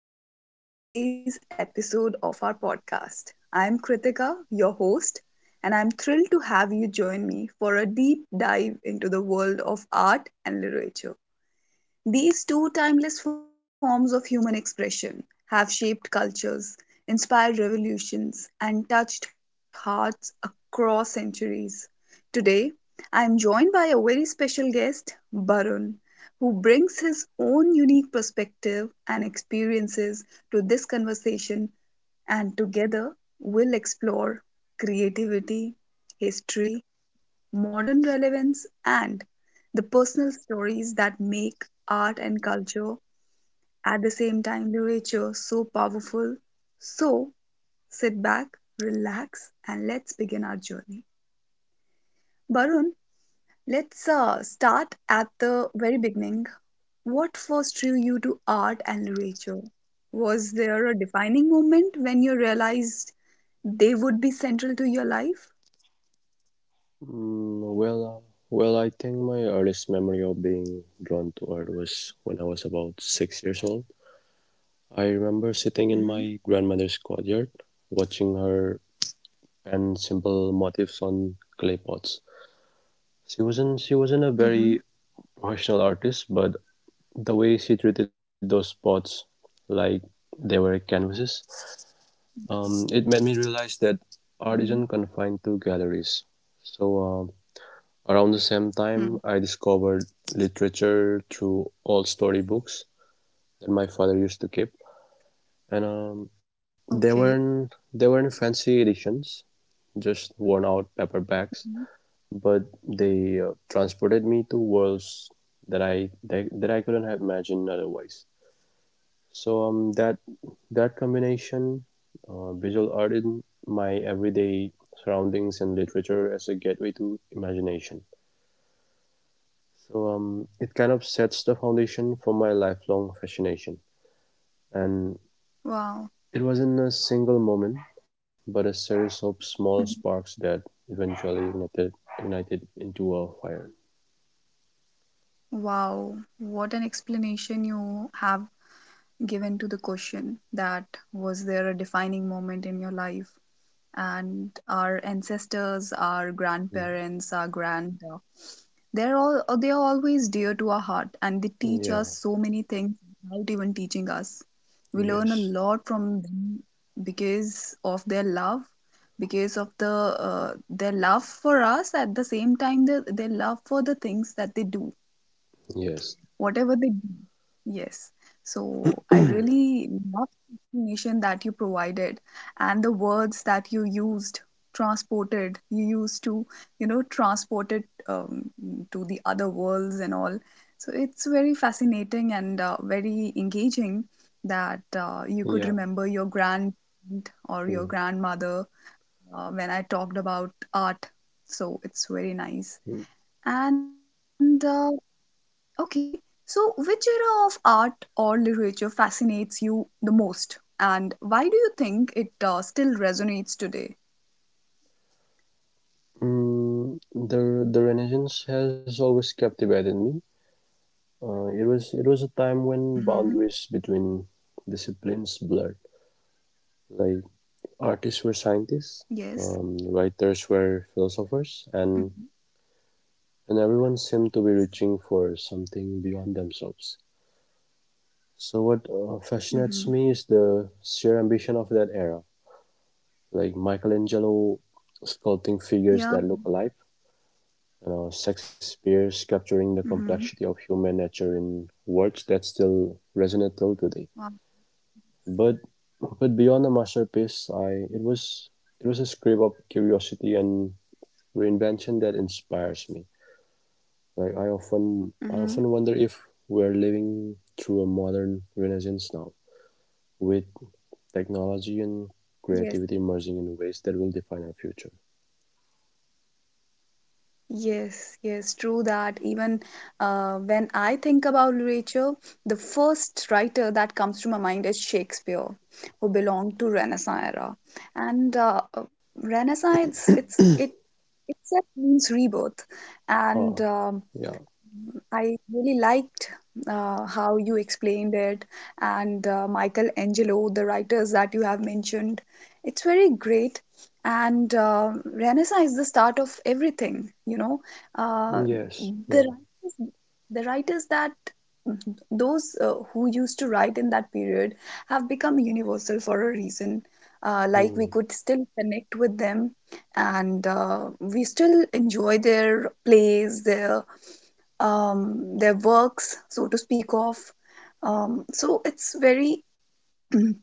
and welcome to today's episode of our podcast. I'm Kritika, your host, and I'm thrilled to have you join me for a deep dive into the world of art and literature. These two timeless forms of human expression have shaped cultures, inspired revolutions, and touched hearts across centuries. Today, I am joined by a very special guest, Barun, who brings his own unique perspective and experiences to this conversation, and together we'll explore creativity, history, modern relevance, and the personal stories that make art and culture, at the same time, literature so powerful. So sit back, relax, and let's begin our journey. Barun, let's start at the very beginning. What first drew you to art and literature? Was there a defining moment when you realized they would be central to your life? Well, I think my earliest memory of being drawn to art was when I was about 6 years old. I remember sitting in Mm-hmm. my grandmother's courtyard, watching her pen simple motifs on clay pots. She wasn't a very Mm-hmm. professional artist, but the way she treated those pots like they were canvases, it made me realize Mm-hmm. that art isn't confined to galleries. So um, Around the Mm. same time, I discovered literature through old storybooks that my father used to keep, and they weren't Okay. they weren't fancy editions, just worn out paperbacks, Mhm. but they transported me to worlds that I couldn't have imagined otherwise. So that combination, visual art in my everyday surroundings and literature as a gateway to imagination. It kind of sets the foundation for my lifelong fascination. And it Wow. wasn't a single moment, but a series of small sparks Mhm. that eventually ignited into a fire. Wow. What an explanation you have given to the question that was there a defining moment in your life? And our ancestors, Mm. our grandparents, our grand they're all they are always dear to our heart, and they Yeah, teach us so many things without even teaching us. We yes, learn a lot from them because of their love, because of their love for us, at the same time, their love for the things that they do, yes, whatever they do. Yes. So I really love the explanation that you provided, and the words that you used, transported. You used to, transport it to the other worlds and all. So it's very fascinating and very engaging that yeah. You could remember your grand Mm. or your grandmother when I talked about art. So it's very nice. And okay, so which era of art or literature fascinates you the most, and why do you think it still resonates today? The Renaissance has always captivated me. It was a time Mm-hmm. when boundaries between disciplines blurred. Like artists were Yes. scientists, writers were Mm-hmm. philosophers, and everyone seemed to be reaching for something beyond themselves. So what Mm-hmm. fascinates me is the sheer ambition of that era, like Michelangelo Yeah. sculpting figures that look alive, you know, Shakespeare Mm-hmm. capturing the complexity of human nature in words that still resonate till Wow. today. But but beyond the Yes. masterpiece, I it was a script of curiosity and reinvention that inspires me. Like I often I Mm-hmm. often wonder if we're living through a modern renaissance now, with technology and Yes. creativity merging in ways that will define our future. Yes. Yes. True that. Even when I think about literature, the first writer that comes to my mind is Shakespeare, who belonged to Renaissance era, and Renaissance, it Except means rebirth. Ah, And yeah. I really liked how you explained it, and Michelangelo, the writers that you have mentioned. It's very great. And Renaissance is the start of everything. Uh, Yes. Yeah. the writers, the writers that those who used to write in that period have become universal for a reason. Hmm. Like, we could still connect with them, and we still enjoy their plays, their works, so to speak of. So it's very,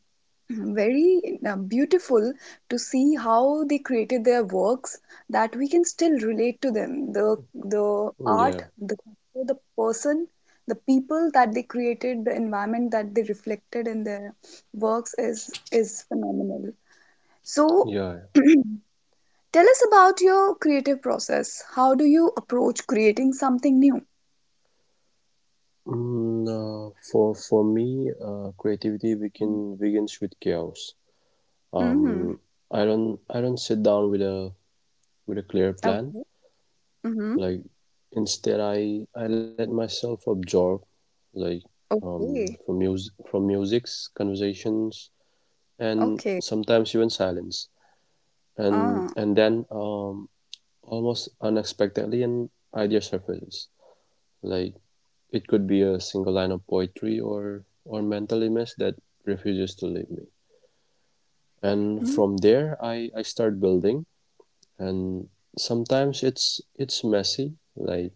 very beautiful to see how they created their works that we can still relate to them. The Yeah. art, the person, the people that they created, the environment that they reflected in their works is phenomenal. Yeah. So. Tell us about your creative process. How do you approach creating something new? For me, creativity begins with chaos. Um, Mhm. I don't sit down with a clear plan. Okay. Mhm. Like instead, I let myself absorb, like Okay. from music, from music's conversations, and Okay. sometimes even silence. Ah. And then Almost unexpectedly, an idea surfaces. Like it could be a single line of poetry or mental image that refuses to leave me. And Mm, from there, I start building. And sometimes it's messy, like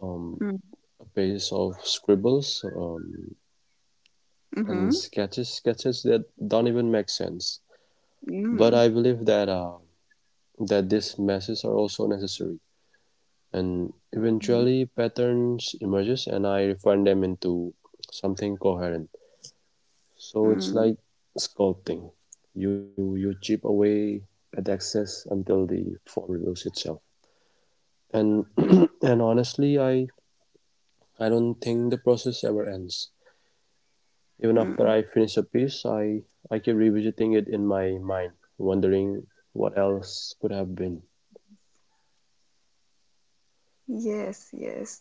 um, mm, a pages of scribbles and mhm, sketches that don't even make sense, but mm, I believe that that these meshes are also necessary, and mhm, eventually patterns emerges and I refine them into something coherent. So it's mm, like sculpting, you chip away at excess until the form reveals itself. And and honestly, I don't think the process ever ends. Even after mhm. I finish a piece, I keep revisiting it in my mind, wondering what else could have been. Yes, yes.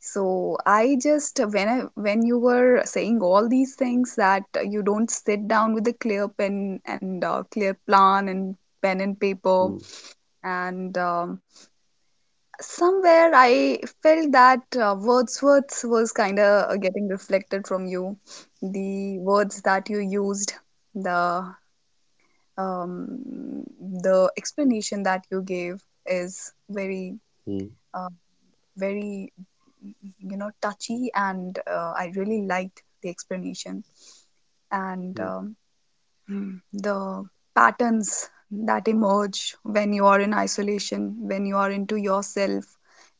So I just when you were saying all these things, that you don't sit down with a clear pen and clear plan and pen and paper Mm, and somewhere I felt that Wordsworth was kind of getting reflected from you. The words that you used, the um, the explanation that you gave is mm, uh, very, touchy, and I really liked the explanation. And mm, the patterns that emerge when you are in isolation, when you are into yourself,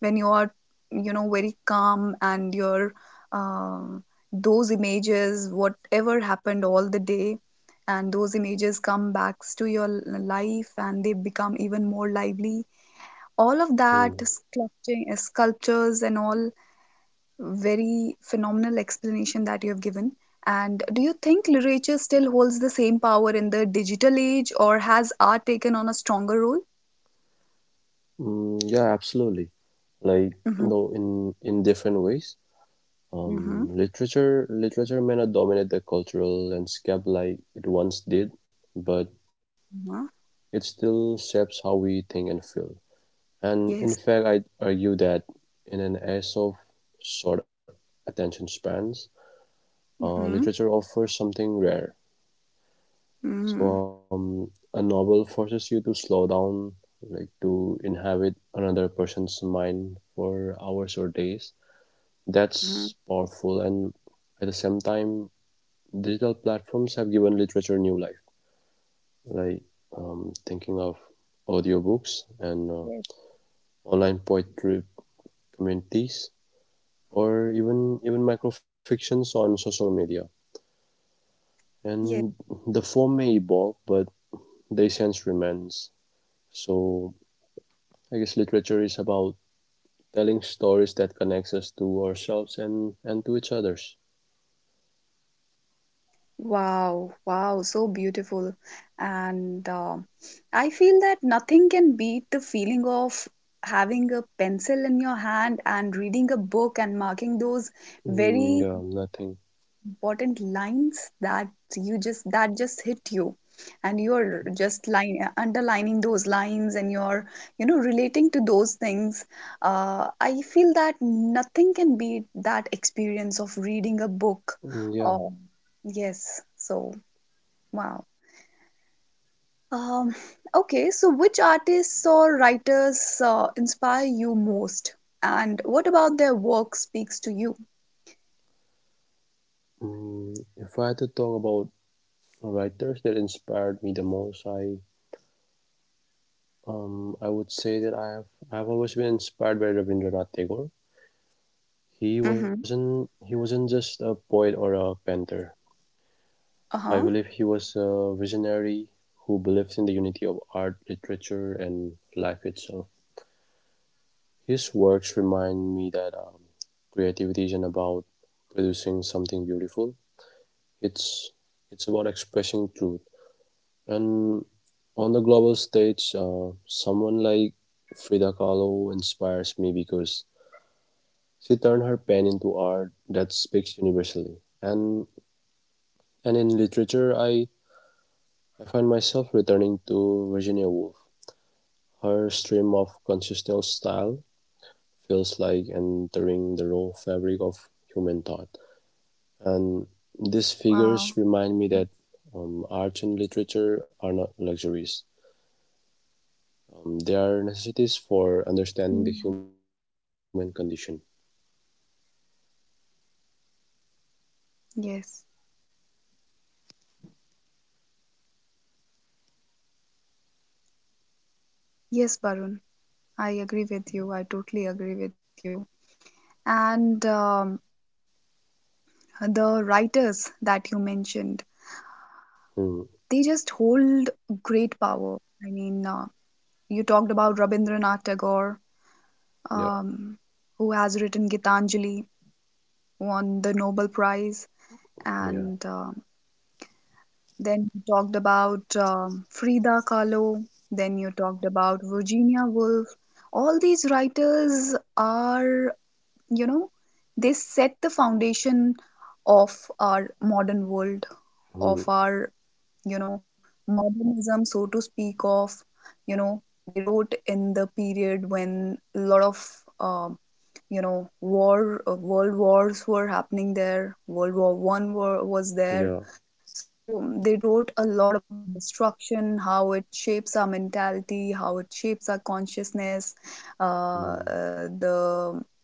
when you are, very calm, and your um those images, whatever happened all the day, and those images come back to your life, and they become even more lively, all of that mm. sculpting sculptures and all. Very phenomenal explanation that you have given. And do you think literature still holds the same power in the digital age, or has art taken on a stronger role? Mm, yeah, absolutely. Like, Mm-hmm. you know, in different ways. Mm-hmm. Literature may not dominate the cultural landscape like it once did, but Uh-huh. it still shapes how we think and feel. And Yes. in fact, I'd argue that in an age of short attention spans, Mm-hmm. literature offers something rare. Mm-hmm. So, a novel forces you to slow down, like to inhabit another person's mind for hours or days. That's Mm-hmm. powerful, and at the same time, digital platforms have given literature new life. Like thinking of audiobooks and online poetry communities, or even microfictions on social media. And Yes. the form may evolve, but the essence remains. So I guess literature is about telling stories that connects us to ourselves and to each others. Wow. Wow. So beautiful. And I feel that nothing can beat the feeling of having a pencil in your hand and reading a book and marking those Mm, very yeah, nothing. important lines that you just that just hit you, and you're just line underlining those lines, and you're relating to those things. I feel that nothing can beat that experience of reading a book Mm, yeah. or Yes. So wow. Um, okay so which artists or writers inspire you most, and what about their work speaks to you? If I had to talk about writers that inspired me the most, I would say that I've always been inspired by Rabindranath Tagore. He wasn't Mm-hmm. he wasn't just a poet or a painter. I believe he Uh-huh. was a visionary who believed in the unity of art, literature, and life itself. His works remind me that creativity isn't about producing something beautiful. It's it's about expressing truth. And on the global stage, someone like Frida Kahlo inspires me because she turned her pen into art that speaks universally. And in literature, I find myself returning to Virginia Woolf. Her stream of consistent style feels like entering the raw fabric of human thought. And these Wow. figures Yes. remind me that art and literature are not luxuries. They are necessities for understanding Mm. the human condition. Yes. Yes, Barun, I agree with you. I totally agree with you. And the writers that you mentioned, Hmm. they just hold great power. I mean, you talked about Rabindranath Tagore, Yeah. um, who has written Gitanjali, won the Nobel Prize, Yeah. and then you talked about Frida Kahlo. Then you talked about Virginia Woolf. All these writers are, you know they set the foundation of our modern world, Hmm. of our, you know modernism, so to speak of. They wrote in the period when a lot of uh, war world wars were happening. There, World War One war was there. Yeah. So they wrote a lot about destruction, how it shapes our mentality, how it shapes our consciousness. uh, Hmm. uh, the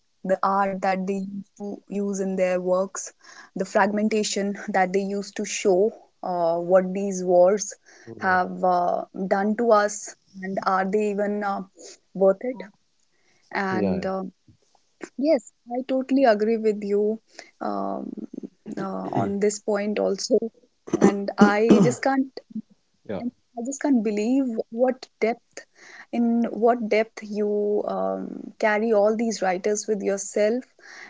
the art that they used to use in their works, the fragmentation that they used to show what these wars Yeah. have done to us, and are they even worth it? Yeah. And Yeah. Yes, I totally agree with you um, on this point also, and I just can't, Yeah. I just can't believe what depth, in what depth you carry all these writers with yourself.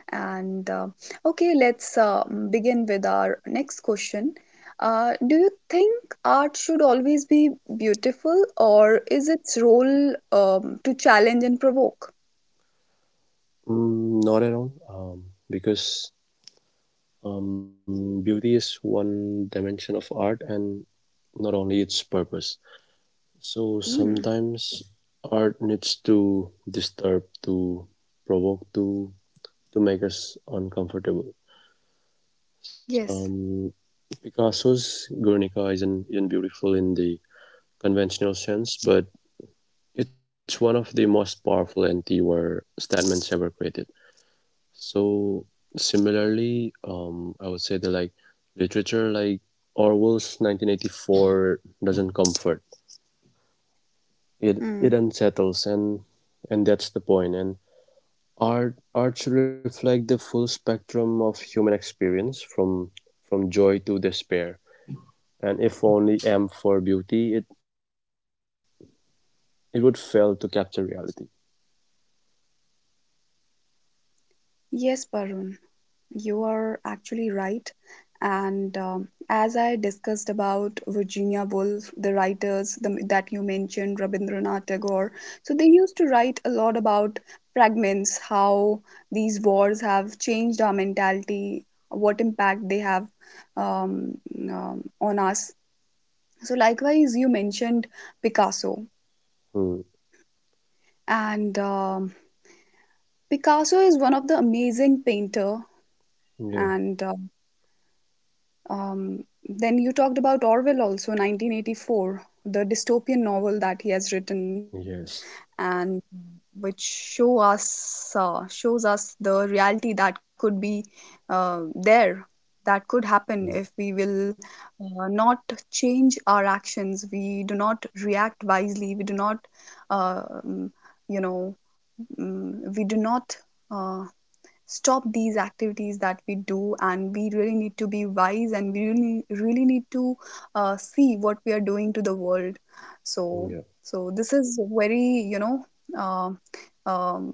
And okay, let's begin with our next question. Do you think art should always be beautiful, or is its role, to challenge and provoke? Mm, not at all. Because Beauty is one dimension of art, and not only its purpose. So Hmm. sometimes art needs to disturb, to provoke, to make us uncomfortable. So, Yes. Picasso's Guernica isn't beautiful in the conventional sense, but it's one of the most powerful anti-war statements ever created. So similarly, I would say that like literature like Orwell's 1984 doesn't comfort. It Hmm. it unsettles, and that's the point. And Art art should reflect the full spectrum of human experience, from joy to despair. And if only aimed for beauty, it would fail to capture reality. Yes, Parun, you are actually right. And as I discussed about Virginia Woolf, the writers, that you mentioned, Rabindranath Tagore, so they used to write a lot about fragments, how these wars have changed our mentality, what impact they have um, on us. So, likewise, you mentioned Picasso, Hmm. and Picasso is one of the amazing painter Yeah. and Um, then you talked about Orwell also, 1984, the dystopian novel that he has written, Yes. and which shows us the reality that could be there, that could happen if Hmm. we will not change our actions. We do not react wisely. We do not, uh, um, you know, mm, we do not. Uh, stop these activities that we do, and we really need to be wise, and we really, really need to see what we are doing to the world. Yeah. So so this is very, uh, um,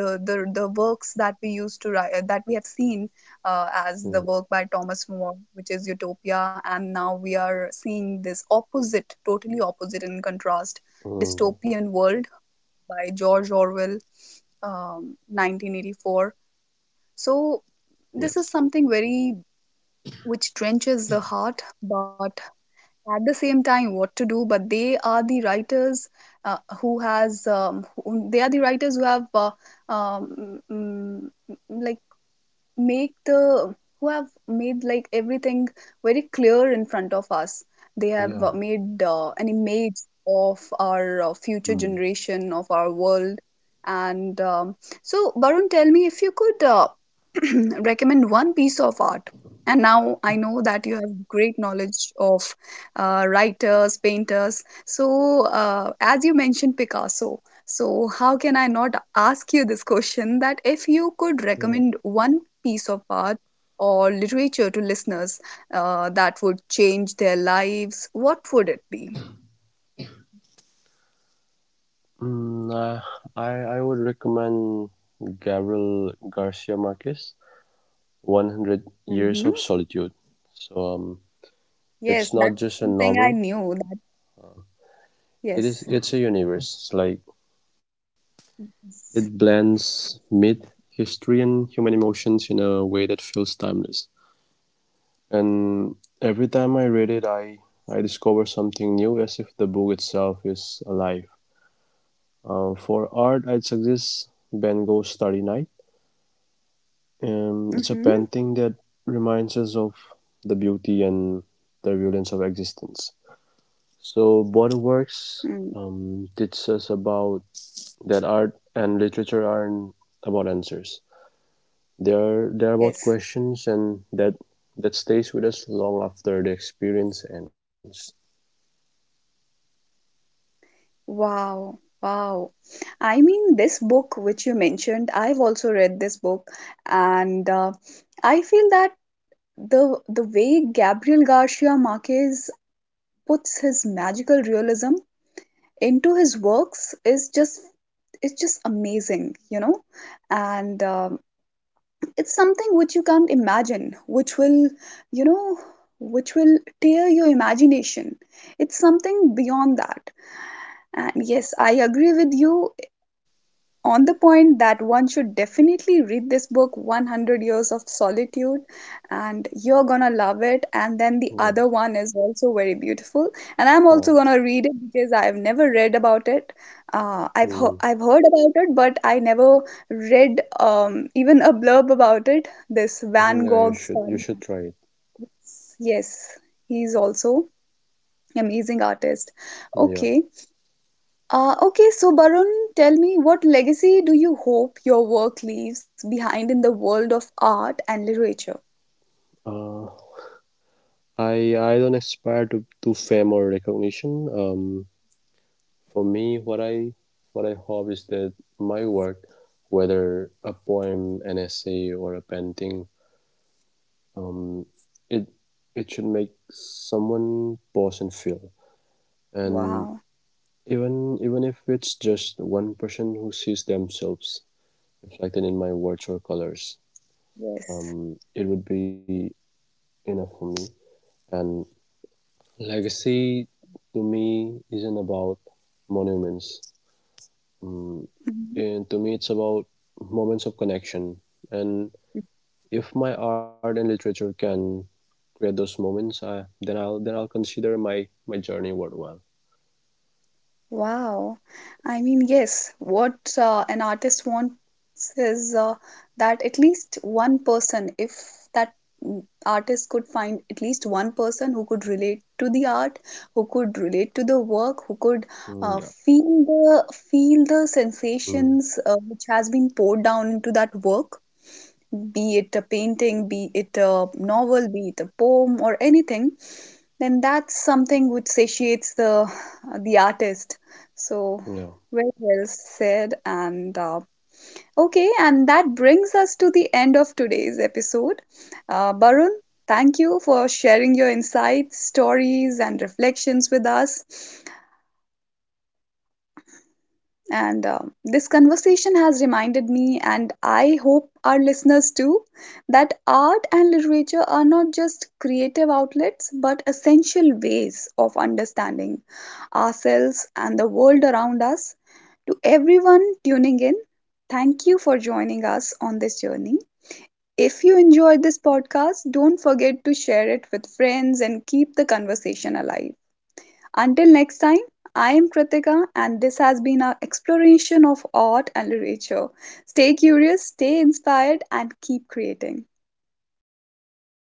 the works that we used to write, that we have seen as Hmm. the work by Thomas More, which is Utopia, and now we are seeing this opposite, totally opposite in contrast, Hmm. dystopian world by George Orwell, 1984. So Yeah. this is something very which trenches the heart, but at the same time, what to do? But they are the writers they are the writers who have um, mm, mm, like make the made everything very clear in front of us. They Yeah. have Yeah. made an image of our future Hmm. generation of our world. And so Barun, tell me, if you could, recommend one piece of art, and now I know that you have great knowledge of writers, painters. So, as you mentioned Picasso, so, how can I not ask you this question, that if you could Yeah. recommend one piece of art or literature to listeners that would change their lives, what would it be? Mm, uh, I would recommend Gabriel Garcia Marquez, 100 Years Hmm. of Solitude. So um, Yes, it's that's not just a something I novel. knew that, It yes. is. It's a universe. It's like it Yes. blends myth, history and human emotions in a way that feels timeless. And every time I read It. it, I discover something new, as if the book itself is alive. For art, I'd suggest Van Gogh's Starry Night. Mm-hmm. It's a painting that reminds us of the beauty and the violence of existence. So both works Mm. Teach us about that art and literature aren't about answers. They are about Yes. questions, and that stays with us long after the experience ends. Wow. Wow. I mean, this book which you mentioned, I've also read this book, and I feel that the way Gabriel Garcia Marquez puts his magical realism into his works is just it's just amazing, and it's something which you can't imagine, you know which will tear your imagination. It's something beyond that. And yes, I agree with you on the point that one should definitely read this book, 100 years of solitude, and you're gonna love it. And then the Yeah. other one is also very beautiful, and I'm Huh. also gonna read it because I've never read about it. Hmm. I've heard about it, but I never read, even a blurb about it, this Van Yeah, you Gogh should story. Try it. Yes, he's also amazing artist. Yeah. okay okay, so Barun, tell me, what legacy do you hope your work leaves behind in the world of art and literature? Uh, I don't aspire to fame or recognition. For me, what I hope is that my work, whether a poem, an essay, or a painting, um, it it should make someone pause and feel. And Wow, even if it's just one person who sees themselves reflected in my words or colors, yes. It would be enough for me. And legacy to me isn't about monuments. Um, Mhm. and to me, it's about moments of connection. And if my art and literature can create those moments, then I'll consider my journey worthwhile. Wow. I mean, yes, what an artist wants is, that at least one person, if that, artist could find at least one person who could relate to the art, who could relate to the work, who could uh, Mm, yeah. feel the feel the Mm, sensations which has been poured down into that work, be it a painting, be it a novel, be it a poem or anything, then that's something which satiates the artist. So, yeah. very well said. And okay, and that brings us to the end of today's episode. Barun, thank you for sharing your insights, stories, and reflections with us. And this conversation has reminded me, and I hope our listeners too, that art and literature are not just creative outlets, but essential ways of understanding ourselves and the world around us. To everyone tuning in, thank you for joining us on this journey. If you enjoyed this podcast, don't forget to share it with friends and keep the conversation alive. Until next time, I am Kritika, and this has been our exploration of art and literature. Stay curious, stay inspired, and keep creating.